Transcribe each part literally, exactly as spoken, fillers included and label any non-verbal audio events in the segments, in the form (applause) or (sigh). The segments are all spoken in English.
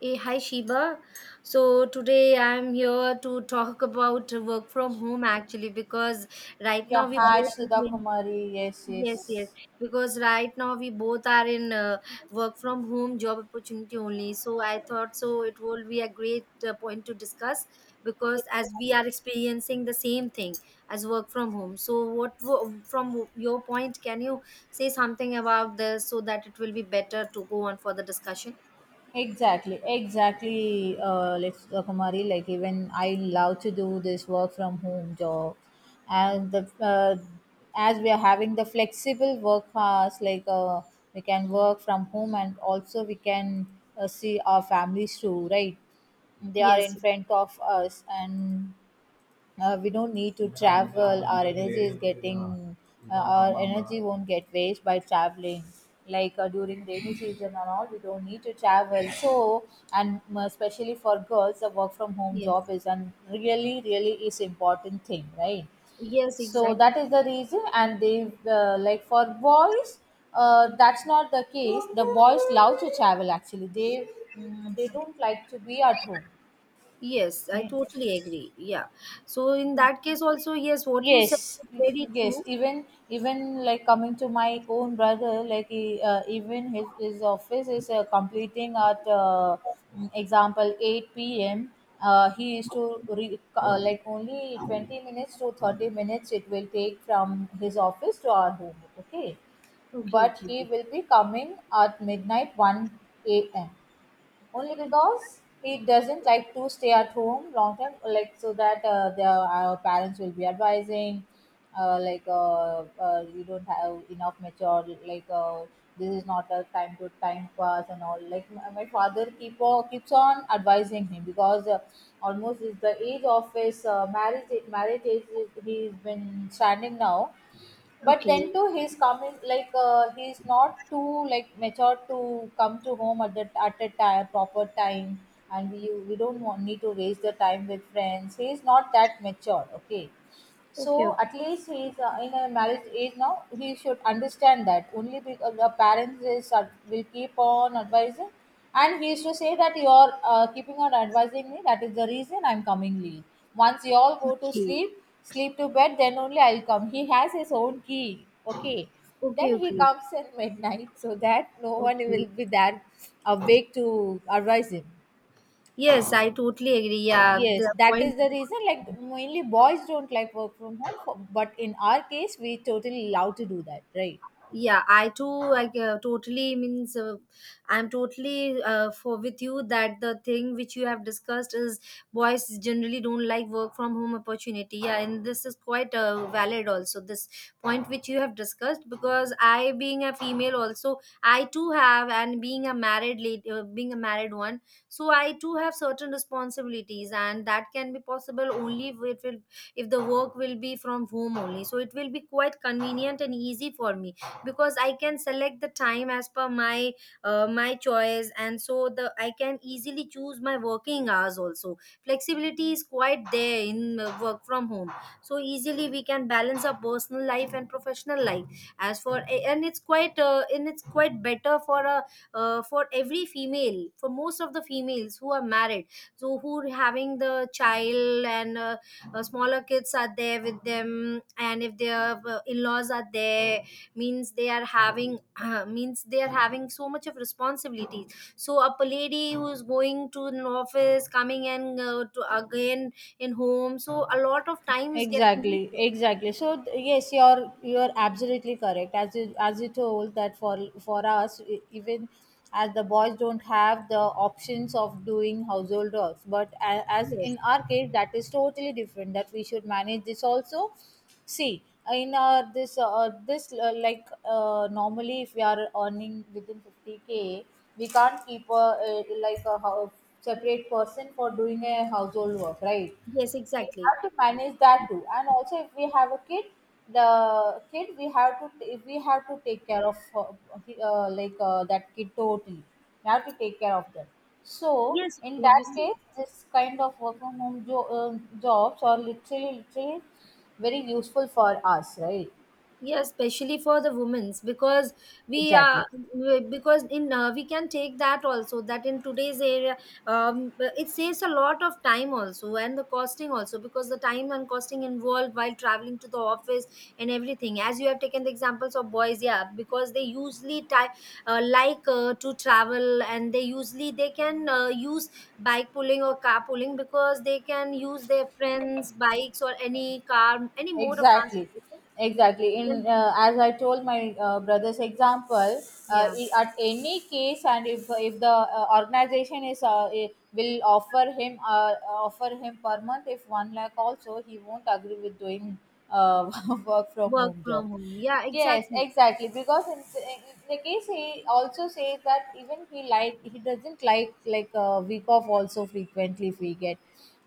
Hey, hi Sheba. So today I'm here to talk about work from home, actually, because right Yeah, now we both hi are Sudha in Kumari. Yes, yes. yes yes because right now we both are in uh, work from home job opportunity only. So I thought so it will be a great uh, point to discuss because as we are experiencing the same thing as work from home. So what wo- from your point, can you say something about this so that it will be better to go on for the discussion? Exactly, exactly. Uh, like Sudha Kumari, like even I love to do this work from home job, and the uh, as we are having the flexible work hours, like uh, we can work from home and also we can uh, see our families too, right? They are Yes, in front of us, and uh, we don't need to travel, our energy is getting uh, our energy won't get waste by traveling, like uh, during rainy season and all we don't need to travel. So, and uh, especially for girls the work from home job yes. is, and really really is, important thing, right? Yes, So that exactly. is the reason. And they uh, like for boys, uh, that's not the case. The boys love to travel, actually they mm, they don't like to be at home. Yes, I Okay? totally agree. Yeah. So in that case also, yes, what you Yes, said is very yes. true. Even even like coming to my own brother, like he, uh, even his, his office is uh, completing at, uh, mm, example, eight p.m. Uh, he is to re, uh, like only twenty minutes to thirty minutes it will take from his office to our home, okay? Okay, But okay. he will be coming at midnight, one a.m, only because he doesn't like to stay at home long time. Like, so that uh, the, our parents will be advising, uh, like uh, uh, you don't have enough mature. Like uh, this is not a time to time pass and all. Like my, my father keep on, keeps on advising him, because uh, almost is the age of his uh, marriage marriage age he's been standing now. But Okay. then too he's coming, like uh, he's not too like mature to come to home at the at a ti- proper time. And we we don't want, need to waste the time with friends. He's not that mature, okay? Okay, So okay. at least he is uh, in a marriage age now, he should understand that. Only because the parents is, uh, will keep on advising. And he used to say that, you are uh, keeping on advising me, that is the reason I'm coming late. Once you all go to Okay. sleep sleep to bed, then only I'll come. He has his own key, okay? Okay, Then he okay. comes in (laughs) midnight, so that no one Okay. will be there awake to advise him. Yes, I totally agree. Yeah, Yes, the that point. is the reason. Like mainly boys don't like work from home, for, but in our case, we totally allowed to do that, right? Yeah, I too like, uh, totally means, uh, I'm totally, uh, for with you, that the thing which you have discussed is boys generally don't like work from home opportunity, yeah, and this is quite uh, valid also, this point which you have discussed, because I, being a female also, I too have, and being a married lady, uh, being a married one, so I too have certain responsibilities and that can be possible only if it will, if the work will be from home only, so it will be quite convenient and easy for me, because I can select the time as per my, uh, my choice, and so the I can easily choose my working hours also. Flexibility is quite there in uh, work from home, so easily we can balance our personal life and professional life as for. And it's quite uh, and it's quite better for a, uh, for every female, for most of the females who are married, so who are having the child and uh, uh, smaller kids are there with them, and if their uh, in-laws are there, means they are having (clears throat) uh, means they are having so much of responsibilities, so a lady who is going to an office coming and uh, to again in home, so a lot of time is getting Exactly, wasted. exactly. So th- yes, you're you're absolutely correct. As you as you told, that for for us e- even as the boys don't have the options of doing household works, but a- as Yes. in our case that is totally different, that we should manage this also, see. In our this uh, uh, this uh, like uh, normally, if we are earning within fifty k, we can't keep a, a like a hou- separate person for doing a household work, right? Yes, We exactly. have to manage that too. And also if we have a kid, the kid we have to, if we have to take care of uh, uh, like uh, that kid totally, we have to take care of them. So Yes, in that obviously. case this kind of work from home jo- um jobs are literally literally very useful for us, right? Yeah, especially for the women's, because we are, Exactly. because in, uh, we can take that also, that in today's area, um, it saves a lot of time also, and the costing also, because the time and costing involved while traveling to the office and everything, as you have taken the examples of boys, yeah, because they usually ty- uh, like, uh, to travel, and they usually they can uh, use bike pulling or car pulling, because they can use their friends bikes or any car, any mode of Exactly, transportation. exactly. In uh, as I told my uh, brother's example, uh, Yeah, i- at any case, and if if the uh, organization is uh, i- will offer him uh, offer him per month if one lakh also, he won't agree with doing uh, (laughs) work from work home job. from home. Yeah, Yes, exactly. exactly. Because in, in the case he also says that even he like he doesn't like like a week off also frequently, if we get,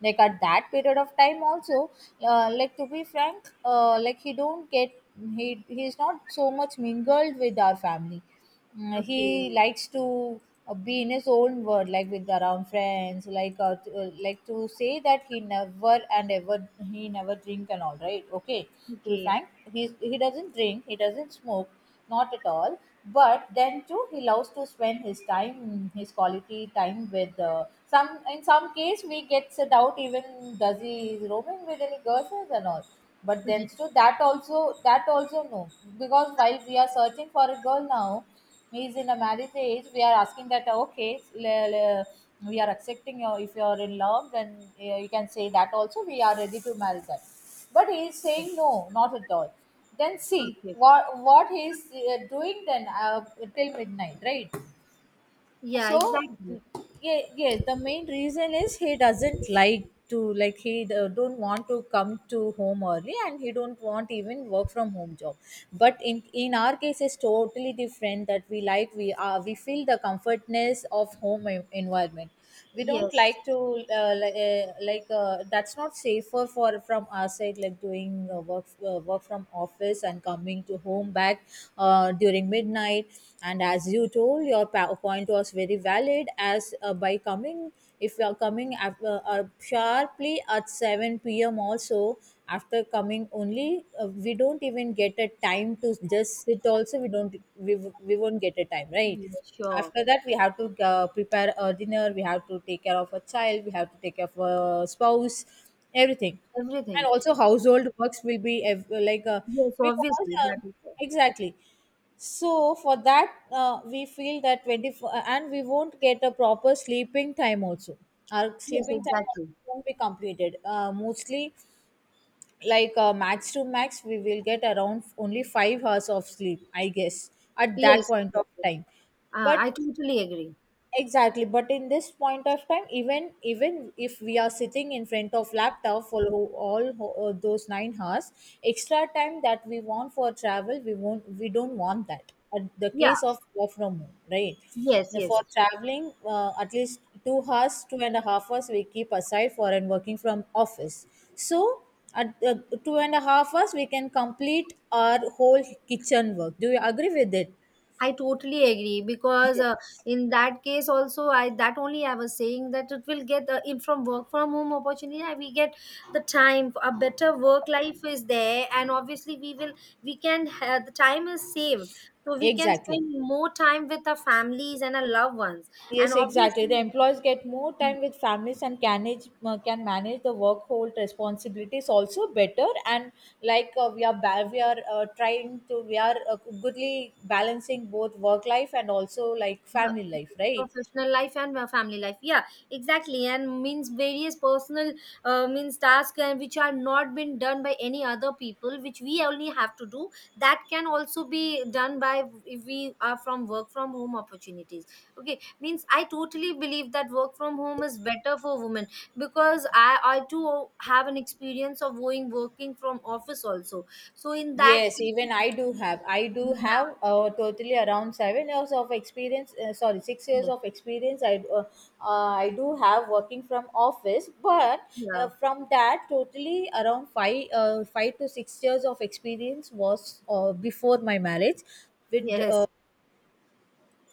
like at that period of time also, uh, like to be frank, uh, like he don't get, he he's not so much mingled with our family. Mm, Okay, he likes to uh, be in his own world, like with around friends. Like, uh, to, uh, like to say that he never and ever he never drink and all, right? Okay, to be okay, frank, he he doesn't drink, he doesn't smoke, not at all. But then too he loves to spend his time his quality time with uh, some in some case we gets it out, even does he is roaming with any girls and all. But then (laughs) okay. too, that also, that also no. Because while we are searching for a girl now, he's in a marriage age, we are asking that, okay, le- le- we are accepting your, if you are in love, then uh, you can say that also, we are ready to marry that. But he is saying no, not at all. Then see Okay. what what he is uh, doing then uh, till midnight, right? Yeah, So exactly. yeah, yeah, the main reason is he doesn't like to, like he d- don't want to come to home early, and he don't want even work from home job. But in in our case it's totally different. That we, like we are we feel the comfortness of home en- environment. We don't Yes, like to uh, li- uh, like uh, that's not safer for from our side, like doing uh, work uh, work from office and coming to home back uh, during midnight. And as you told, your pa- point was very valid. As uh, by coming if you are coming af- uh, uh, sharply at seven p.m also, after coming only uh, we don't even get a time to just sit also. We don't we, w- we won't get a time, right? yeah, sure. After that we have to uh, prepare a dinner, we have to take care of a child, we have to take care of a spouse, everything. And Everything. also household works will be ev- like uh, Yes, because obviously, that uh, is there. exactly. So for that uh, we feel that twenty-four, uh, and we won't get a proper sleeping time also. Our Yes, sleeping time also exactly. won't be completed, uh, mostly. Like uh, max to max we will get around only five hours of sleep, I guess, at that Yes, point of exactly. time. Uh, I But, totally agree. exactly, but in this point of time, even even if we are sitting in front of laptop for ho- all ho- uh, those nine hours, extra time that we want for travel, we won't, we don't want that. At the Yeah, case of work from home, right? yes, Now, yes. for traveling, uh, at least two hours, two and a half hours we keep aside for and working from office. So at uh, two and a half hours we can complete our whole kitchen work. Do you agree with it? I totally agree, because uh, Yes. in that case also, I, that only I was saying, that it will get, uh, in from work from home opportunity, uh, we get the time, a better work life is there, and obviously we will we can, uh, the time is saved, so we can Exactly. spend more time with our families and our loved ones. And Yes, exactly. The obviously employees get more time with families and can manage, uh, can manage the workhold responsibilities also better. And like uh, we are ba- we are uh, trying to we are uh, goodly balancing both work life and also like the family life, right? professional life and uh, family life, yeah, exactly, and means various personal, uh, means tasks, and which are not been done by any other people, which we only have to do, that can also be done by, if we are from work from home opportunities. Okay, means I totally believe that work from home is better for women, because i i too have an experience of going working from office also, so in that Yes, case, even I do have. I do yeah, have uh, totally around seven years of experience. Uh, sorry, six years of experience. I uh, uh, I do have working from office, but uh, yeah. from that, totally around five uh, five to six years of experience was uh, before my marriage, with Yeah, yes, uh,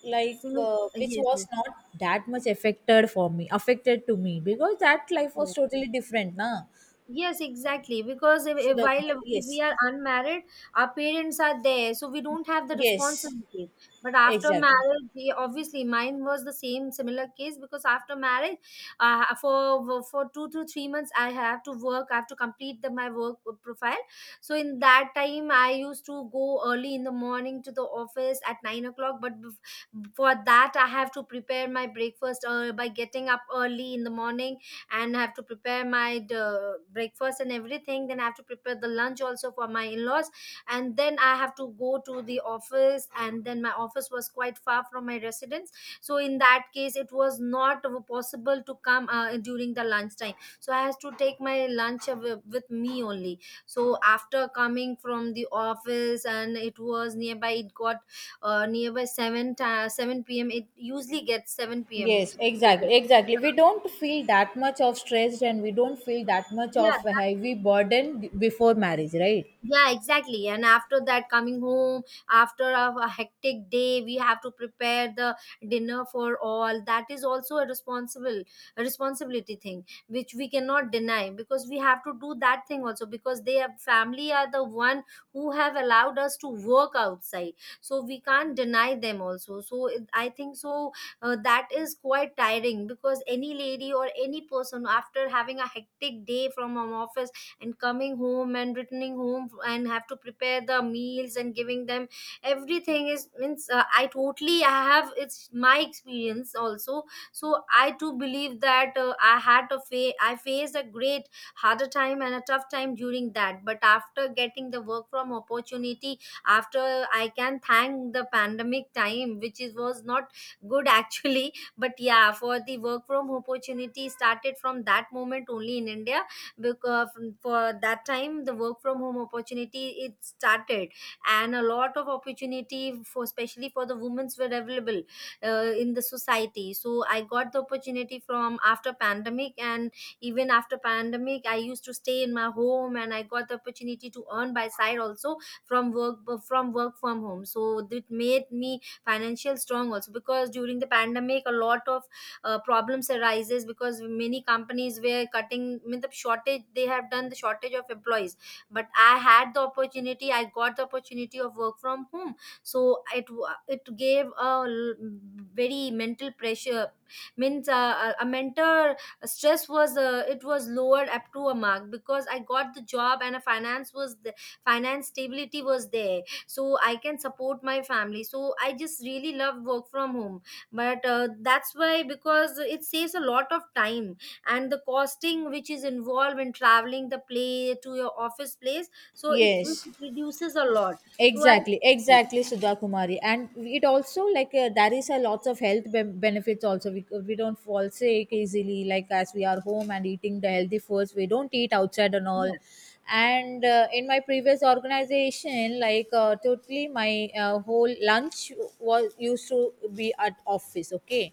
like similar. uh, which Yes, was yes. not that much affected for me, affected to me, because that life was totally different, na. Yes, exactly. Because if, So if- the while, if we yes, are unmarried, our parents are there, so we don't have the yes, responsibility. But after exactly. marriage, yeah, obviously, mine was the same similar case, because after marriage, uh, for for two to three months, I have to work. I have to complete the, my work profile. So in that time, I used to go early in the morning to the office at nine o'clock. But bef- for that, I have to prepare my breakfast, uh, by getting up early in the morning and have to prepare my uh, breakfast and everything, then I have to prepare the lunch also for my in-laws, and then I have to go to the office, and then my office was quite far from my residence, so in that case it was not possible to come uh, during the lunchtime, so I had to take my lunch with, with me only. So after coming from the office, and it was nearby it got, uh, nearby 7 ti seven p.m, it usually gets seven p.m. Yes, So, exactly, exactly. We don't feel that much of stressed, and we don't feel that much yeah. of a heavy burden b- before marriage, right? Yeah, exactly. And after that, coming home after a, a hectic day, we have to prepare the dinner for all. That is also a responsible, a responsibility thing, which we cannot deny, because we have to do that thing also, because they have, family are the one who have allowed us to work outside. So we can't deny them also. So it- I think so. Uh, that is quite tiring, because any lady or any person after having a hectic day from an office and coming home and returning home and have to prepare the meals and giving them everything, is means, uh, I totally, I have, it's my experience also, so I too believe that uh, i had a fa- i faced a great harder time and a tough time during that. But after getting the work from opportunity, after, I can thank the pandemic time, which is, was not good (laughs) actually, but yeah, for the work from opportunity started from that moment only in India, because for that time the work from home opportunity it started, and a lot of opportunity for, especially for the women's, were available uh, in the society, so I got the opportunity from after pandemic, and even after pandemic I used to stay in my home and I got the opportunity to earn by side also from work, uh, from work from home. So that made me financial strong also, because during the pandemic a lot of uh, problems arises, because many companies were cutting, I mean, the shortage, they have done the shortage of employees, but I had the opportunity, I got the opportunity of work from home, so it wa- it gave a l- very mental pressure, means uh, a a mentor stress was, uh, it was lowered up to a mark, because I got the job, and a finance was the, finance stability was there, so I can support my family. So I just really love work from home, but uh, that's why, because it saves a lot of time, and the costing which is involved in traveling the play to your office place, so it, will- Yes. it reduces a lot. So I. Exactly, exactly, Sudha Kumari. And it also like uh, there is a lots of health ben- benefits also. We, uh, we don't fall sick easily, like as we are home and eating the healthy foods, we don't eat outside and all. Yeah, And uh, in my previous organization, like uh, totally my uh, whole lunch was used to be at office, okay.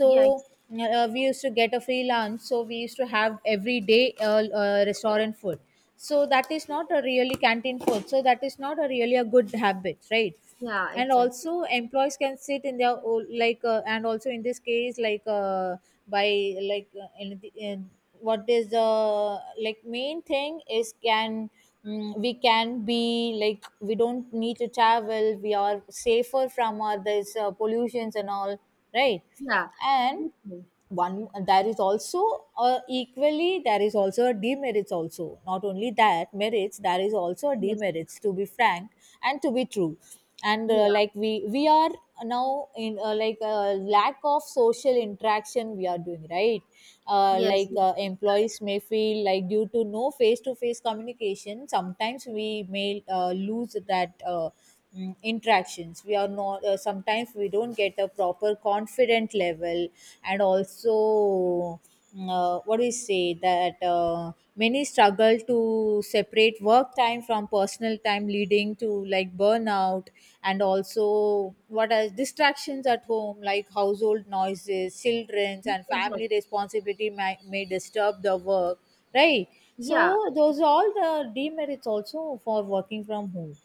yeah. uh, we used to get a free lunch, so we used to have every day uh, uh, restaurant food. So that is not a really canteen food, so that is not a really a good habit, right? Yeah, And exactly. also employees can sit in their o- like uh, and also in this case like uh, by like uh, in, the- in, what is the like main thing is can mm, we can be like we don't need to travel, we are safer from all this uh, pollutions and all, right? Yeah, And exactly. Yeah. Okay. one there is also uh, equally there is also a demerits also, not only that merits, there is also a Yes. demerits, to be frank and to be true. And Yeah. uh, like we we are now in uh, like a lack of social interaction we are doing, right? Uh, yes, like uh, yes. employees may feel like due to no face to face communication sometimes we may uh, lose that uh, mm, interactions, we are not uh, sometimes we don't get a proper confident level. And also mm, uh, what do we say that uh, many struggle to separate work time from personal time, leading to like burnout. And also what are distractions at home, like household noises, children's and family Exactly, responsibility may, may disturb the work, right? yeah. So those are all the demerits also for working from home.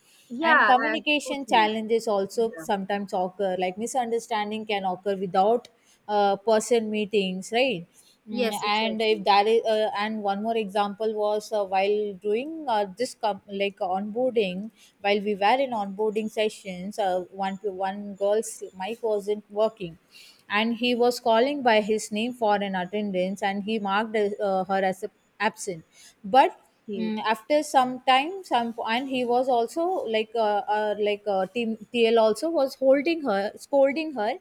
And Yeah, I, communication totally. challenges also Yeah, sometimes occur, like misunderstanding can occur without uh, person meetings, right? Mm, yes, and if exactly. that is uh, and one more example was uh, while doing uh, this com- like onboarding, while we were in onboarding sessions uh, one to one girl's mic wasn't working. And he was calling by his name for an attendance, and he marked uh, her as a absent. But Yeah, Mm, after some time some, and he was also like uh, uh, like uh, team tl also was holding her, scolding her,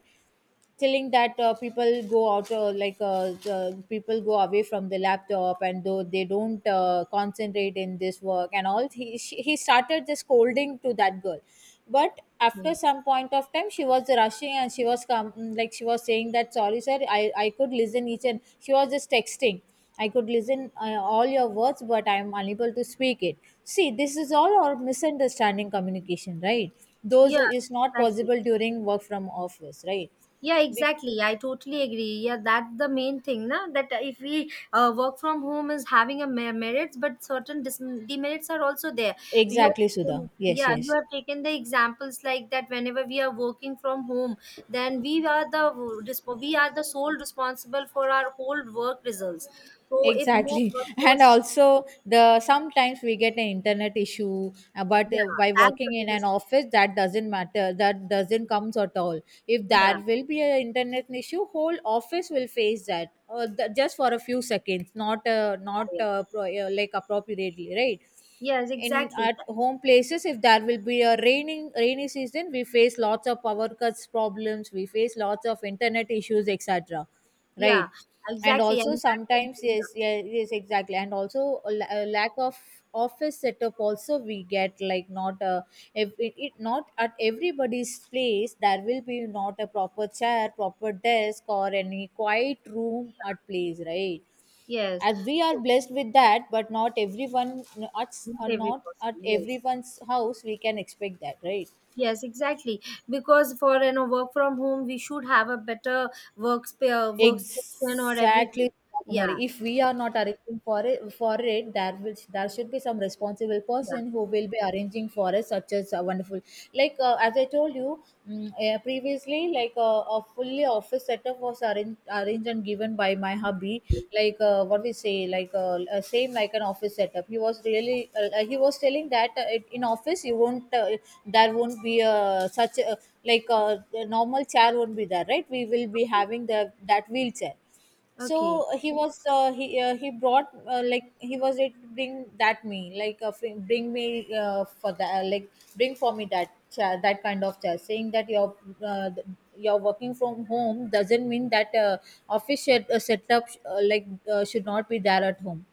telling that uh, people go out uh, like uh, the people go away from the laptop and though they don't uh, concentrate in this work and all. he, she, he started just scolding to that girl. But after yeah. some point of time she was rushing and she was come mm, like she was saying that sorry sir, i i could listen each, and she was just texting. I could listen uh, all your words, but I am unable to speak it. See, this is all our misunderstanding communication, right? Those Yeah, is not exactly. possible during work from office, right? Yeah, Bec- exactly. I totally agree. Yeah, that's the main thing, na? That uh, if we uh, work from home is having a mer- merits, but certain dis- demerits are also there. You have exactly Sudha, taken- yes, yeah, you yes, have taken the examples like that. Whenever we are working from home, then we are the, resp- we are the sole responsible for our whole work results. So if no exactly. (laughs) And workforce, also the sometimes we get an internet issue, uh, but uh, yeah, by that's working the in an biggest thing. office, that doesn't matter, that doesn't comes at all. If Yeah, there will be an internet issue, whole office will face that uh, th- just for a few seconds, not uh, not yeah. uh, pro- uh, like appropriately, right? Yes, In exactly. at home places, if there will be a raining rainy season, we face lots of power cuts problems, we face lots of internet issues, etc., Yeah, right? And exactly. And also that will be, sometimes yeah. yes, yes, yes, exactly. And also a la- a lack of office setup also we get, like, not a if it, it not at everybody's place, there will be not a proper chair, proper desk or any quiet room at place, right? Yes. As we are So, blessed with that, but not everyone, not, not uh, every not at possible, yes. everyone's house we can expect that, right? Yes, exactly. Because for you know work from home, we should have a better work, uh, workstation or everything. Exactly, Kumari. Yeah, If we are not arranging for it for it there will, there should be some responsible yeah. person who will be arranging for us, such as a wonderful like uh, as I told you, mm, uh, previously like uh, a fully office setup was arranged arranged and given by my hubby. Like uh, what we say like uh, uh, same like an office setup. He was really uh, uh, he was telling that uh, it- in office you won't uh, there won't be uh, such a, like uh, a normal chair won't be there, right? We will be Okay, having the that wheelchair. okay. So uh, he was uh, he uh, he brought uh, like he was it bring that me like uh, fr- bring me uh, for that uh, like bring for me that chair, that kind of chair, saying that your uh, th- you working from home doesn't mean that uh, office set, uh, setup uh, like uh, should not be there at home.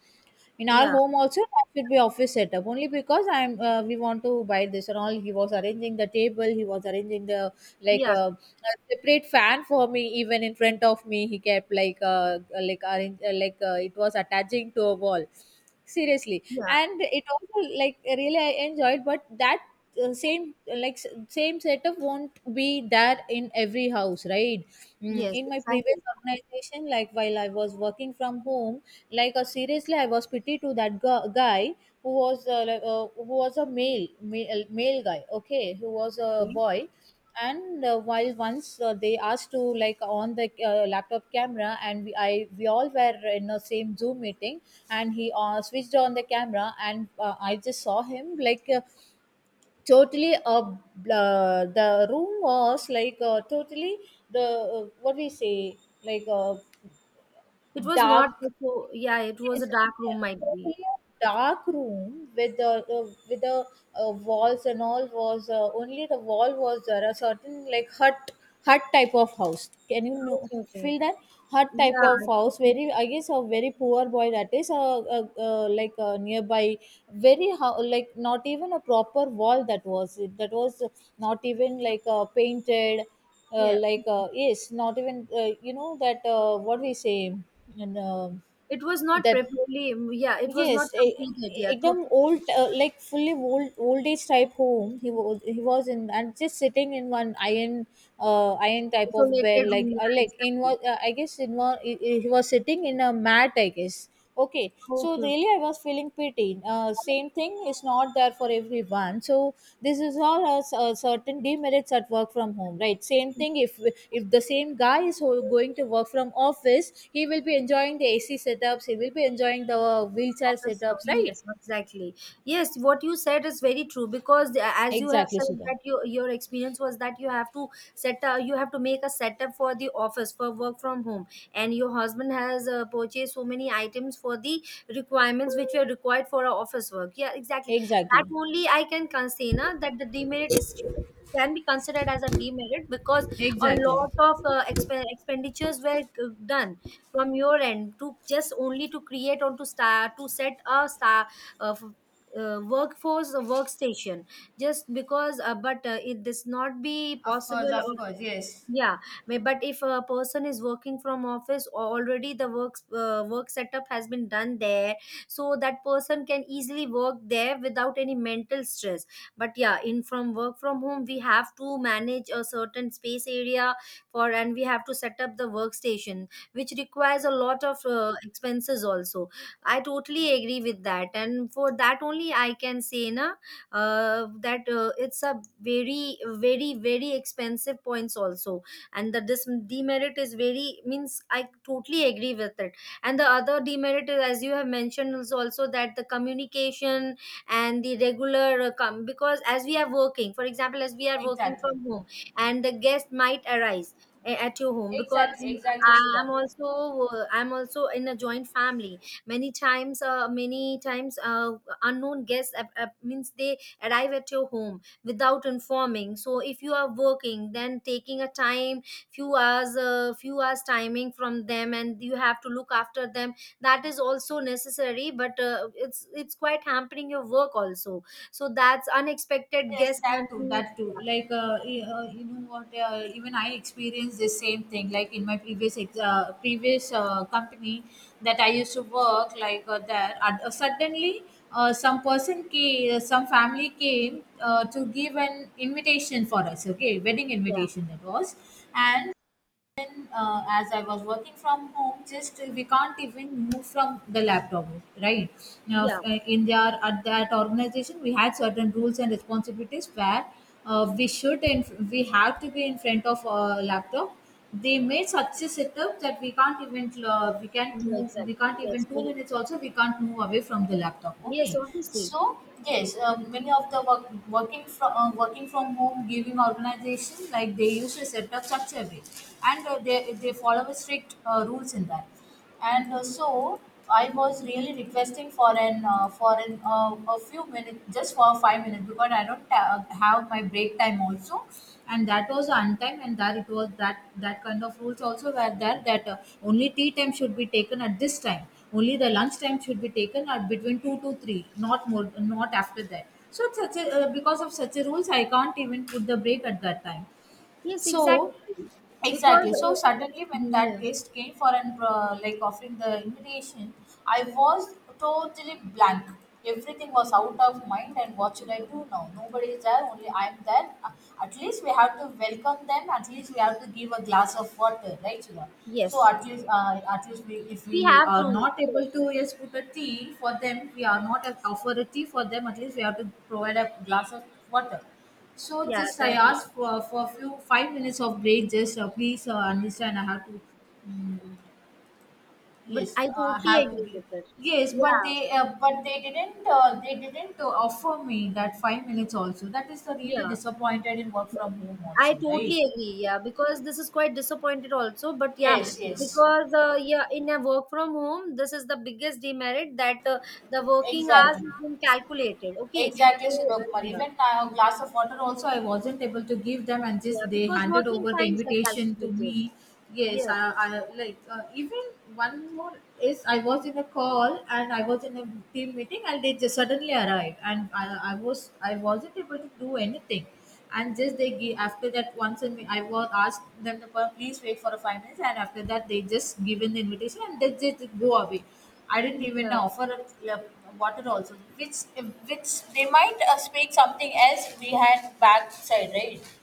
In our Yeah, home also that should be office setup only, because I'm uh, we want to buy this and all. He was arranging the table, he was arranging the like yeah, uh, a separate fan for me, even in front of me he kept like uh, like arrange, uh, like uh, it was attaching to a wall, seriously. yeah. And it also like really I enjoyed, but that uh, same like s- same setup won't be there in every house, right? Mm, Yes, in my previous exactly. organization, like while I was working from home, like uh, seriously I was pity to that gu- guy who was uh, like, uh, who was a male, male male guy, okay, who was a Okay. boy. And uh, while once uh, they asked to like on the uh, laptop camera, and we, I we all were in the same Zoom meeting. And he uh, switched on the camera, and uh, I just saw him like uh, totally uh, bl- uh, the room was like uh, totally the uh, what we say like uh, It was not dark. so. Yeah, it was a Yes, dark room, might be. totally a dark room with the uh, with the uh, walls, and all was uh, only the wall was there a certain like hut, hut type of house. Can you know, Okay, okay. feel that hut type Yeah, of house? totally. Very, I guess, a very poor boy, that is a, a, a like a nearby very ho- like not even a proper wall, that was it, that was not even like uh, painted uh, Yeah. like uh, yes, not even uh, you know that uh, what we say, and. Um, It was not that properly. Yeah, it was not yes e- completed. Yeah, ekdam totally old, uh, like fully old old age type home he was, he was in. And just sitting in one iron uh, iron type of bed, isolated like room. Yeah, uh, like in exactly. what uh, I guess in one, he he was sitting in a mat, I guess. Okay, so Okay. really I was feeling feeling pity. Uh, same thing is not there for everyone. So this is all a, s- a certain demerits at work from home, right? Same Okay. thing, if if the same guy is ho- going to work from office, he will be enjoying the A C setups. He will be enjoying the wheelchair Officer, setups, right? yes, exactly. Yes, what you said is very true because the- as you have Exactly, said Sudha. that you, your experience was that you have to set up, you have to make a setup for the office for work from home, and your husband has uh, purchased so many items for the requirements which were required for our office work. Yeah, exactly, that Exactly. only I can consider na, that the demerit is, can be considered as a demerit because a Exactly. lot of uh, exp- expenditures were uh, done from your end to just only to create or to start to set a star uh, f- uh, workforce, a workstation, just because uh, but uh, it does not be Of course, possible. of course, yes, Yeah, may- but if a person is working from office or already the work uh, work setup has been done there, so that person can easily work there without any mental stress. But yeah, in from work from home we have to manage a certain space area for, and we have to set up the workstation, which requires a lot of uh, expenses also. I totally agree with that, and for that only I can say na, uh, that uh, it's a very, very, very expensive points also. And the this demerit is very means, I totally agree with it. And the other demerit is, as you have mentioned, is also that the communication and the regular uh, com- because as we are working, for example as we are working exactly. from home, and the guest might arise a- at your home, because Exactly. Exactly, Sudha. I'm also uh, I'm also in a joint family. Many times uh, many times uh, unknown guests uh, uh, means they arrive at your home without informing, so if you are working then taking a time few hours uh, few hours timing from them and you have to look after them, that is also necessary. But uh, it's it's quite hampering your work also. So that's unexpected Yes, guest that can too, be. that too. Yeah. Like, uh, y- uh, you know what? Uh, even I experienced the same thing. Like in my previous ex- uh, previous uh, company that I used to work, like uh, there, uh, suddenly uh, some person came, uh, some family came uh, to give an invitation for us. Okay, wedding yeah, invitation that was. And uh, as I was working from home, just uh, we can't even move from the laptop, right? Now, yeah f- uh, in their at that organization, we had certain rules and responsibilities where uh, we should, and we have to be in front of a laptop. They made such a setup that we can't even uh, we can't yeah, move, we exactly. can't even Yes, two very. minutes also we can't move away from the laptop. Yes, Okay, obviously. so yes, uh, many of the work, working from uh, working from home giving organization, like they used to set up much a bit. And uh, they, they follow a strict uh, rules in that. And uh, so I was really requesting for an uh, for an uh, a few minutes, just for five minutes, because I don't ta- have my break time also. And that was on time, and that it was that that kind of rules also were there, that uh, only tea time should be taken at this time, only the lunch time should be taken at between two to three, not more, not after that. So it's such a, uh, because of such a rules, I can't even put the break at that time. Yes, So exactly. Because exactly. So suddenly uh, when mm, yeah. that guest came for an uh, like offering the invitation, I was totally blank. Everything was out of mind, and what should I do now? Nobody is there. Only I'm there. Uh, At least we have to welcome them. At least we have to give a glass of water, right, Sudha? So Yes, at least, uh, at least we, if we we have are to. not Yes, able yes. to yes put a tea for them, we are not offer a tea for them, at least we have to provide a glass of water. So Yeah, just I that. asked for for a few five minutes of break. Just uh, please uh, understand. I have to. But Yes, I uh, I totally have to agree break. with it. Yes, but Yeah, they uh, but they didn't uh, they didn't uh, offer me that five minutes also. That is the really yeah. disappointed in work from home I also, totally right? agree. Yeah, because this is quite disappointed also. But yeah, Yes, yes, because uh, yeah, in a work from home, this is the biggest demerit that uh, the working hours exactly. has been calculated. Okay, Exactly, so uh, Shirokumar. yeah, Even now, a glass of water also I wasn't able to give them, and yeah, just they because handed working over the times are invitation to calculated. me. Yes, Yes, I, I like uh, even one more is I was in a call and I was in a team meeting, and they just suddenly arrived, and I, I was I wasn't able to do anything. And just they give after that once in me, I was asked them to please wait for a five minutes, and after that they just given the invitation and they just go away. I didn't even yeah. offer a water also, which which they might uh, speak something else we had backside, right?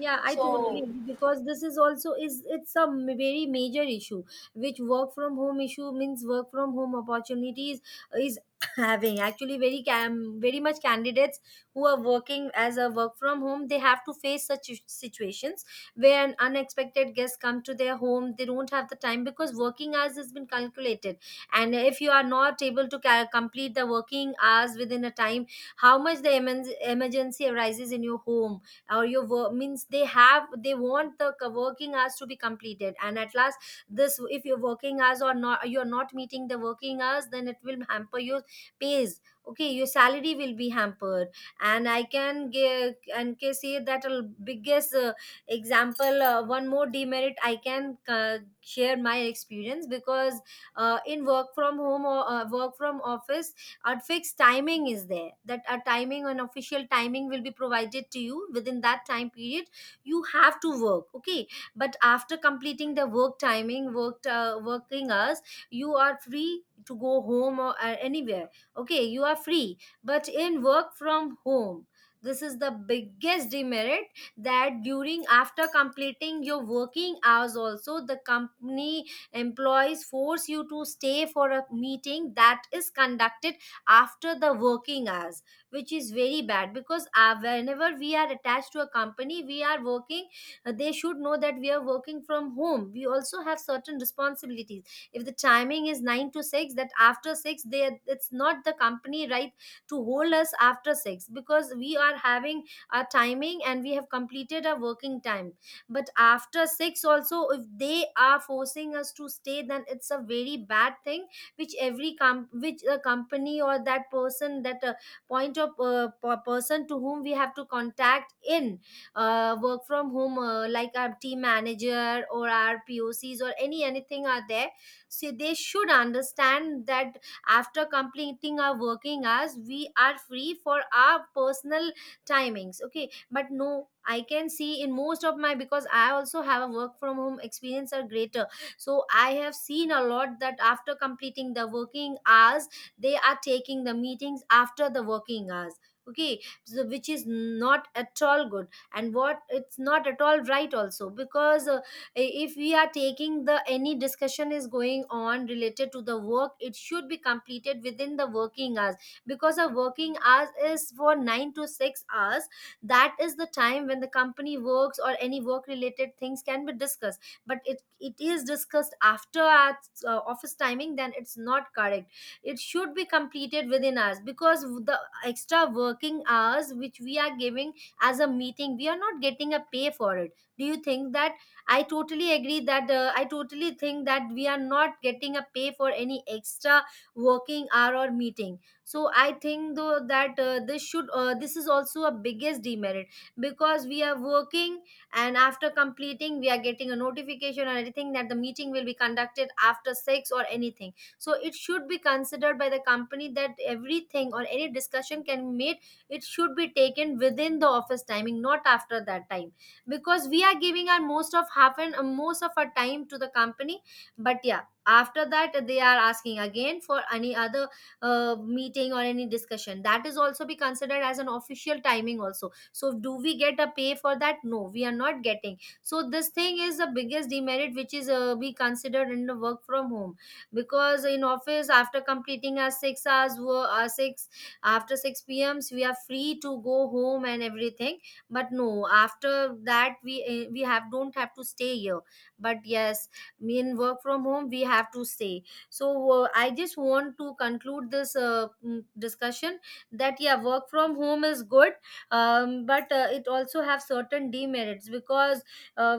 Yeah, I totally So agree because this is also is it's a m- very major issue, which work from home issue means work from home opportunities is (coughs) (clears throat) having actually very cam very much candidates who are working as a work from home. They have to face such is- situations where an unexpected guest come to their home. They don't have the time because working hours has been calculated, and if you are not able to ca- complete the working hours within a time, how much the emen- emergency arises in your home or your work means, they have they want the co- working hours to be completed. And at last, this, if your working hours or not, you're not meeting the working hours, then it will hamper your pays. Okay, your salary will be hampered. And I can give and can say that a biggest uh, example, uh, one more demerit I can uh, share my experience, because uh, in work from home or uh, work from office, our fixed timing is there, that a timing, an official timing will be provided to you, within that time period you have to work, okay? But after completing the work timing worked uh, working hours, you are free to go home or uh, anywhere. Okay, you are free. But in work from home, this is the biggest demerit, that during, after completing your working hours also, the company employees force you to stay for a meeting that is conducted after the working hours, which is very bad. Because uh, whenever we are attached to a company we are working, uh, they should know that we are working from home, we also have certain responsibilities. If the timing is nine to six, that after six, they, it's not the company right to hold us after six, because we are having our timing and we have completed our working time. But after six also, if they are forcing us to stay, then it's a very bad thing, which every com- which a company or that person, that uh, point of uh, per- person to whom we have to contact in uh, work from home, uh, like our team manager or our pocs or any anything are there, so they should understand that after completing our working hours, we are free for our personal timings. Okay, but no, I can see in most of my, because I also have a work from home experience or greater, so I have seen a lot that after completing the working hours, they are taking the meetings after the working hours. Okay, so which is not at all good. And what, it's not at all right also, because uh, if we are taking the, any discussion is going on related to the work, it should be completed within the working hours, because a working hours is for nine to six hours. That is the time when the company works or any work related things can be discussed. But it it is discussed after our uh, office timing, then it's not correct. It should be completed within us, because the extra working hours which we are giving as a meeting, we are not getting a pay for it. Do you think that? I totally agree that uh, I totally think that we are not getting a pay for any extra working hour or meeting. So I think though that uh, this should uh, this is also a biggest demerit, because we are working, and after completing we are getting a notification or anything that the meeting will be conducted after six or anything. So it should be considered by the company that everything or any discussion can be made, it should be taken within the office timing, not after that time, because we are giving our most of half and uh, most of our time to the company. But yeah, after that they are asking again for any other uh, meeting or any discussion, that is also be considered as an official timing also. So do we get a pay for that? No, we are not getting. So this thing is the biggest demerit, which is uh, be considered in the work from home. Because in office, after completing our six hours wo- our six, after six pms, we are free to go home and everything. But no, after that we eh, we have don't have to stay here. But yes, in work from home we have to stay. So uh, I just want to conclude this uh, mm, discussion, that yeah, work from home is good, um, but uh, it also have certain demerits, because uh,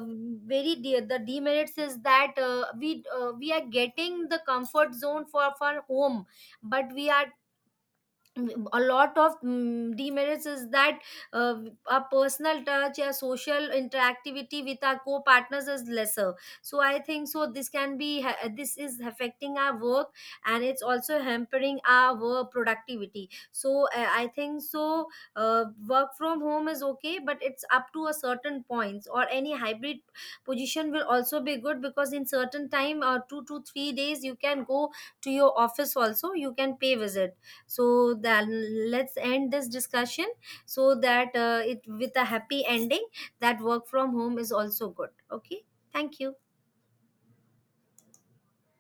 very de- the demerits is that uh, we uh, we are getting the comfort zone for for home. But we are, a lot of mm, demerits is that, uh, our personal touch or social interactivity with our co-partners is lesser. So I think so this can be ha- this is affecting our work, and it's also hampering our work productivity. So uh, I think so uh, work from home is okay, but it's up to a certain points, or any hybrid position will also be good, because in certain time uh, two to three days you can go to your office also, you can pay visit. So that, let's end this discussion, so that uh, it with a happy ending, that work from home is also good. Okay, thank you.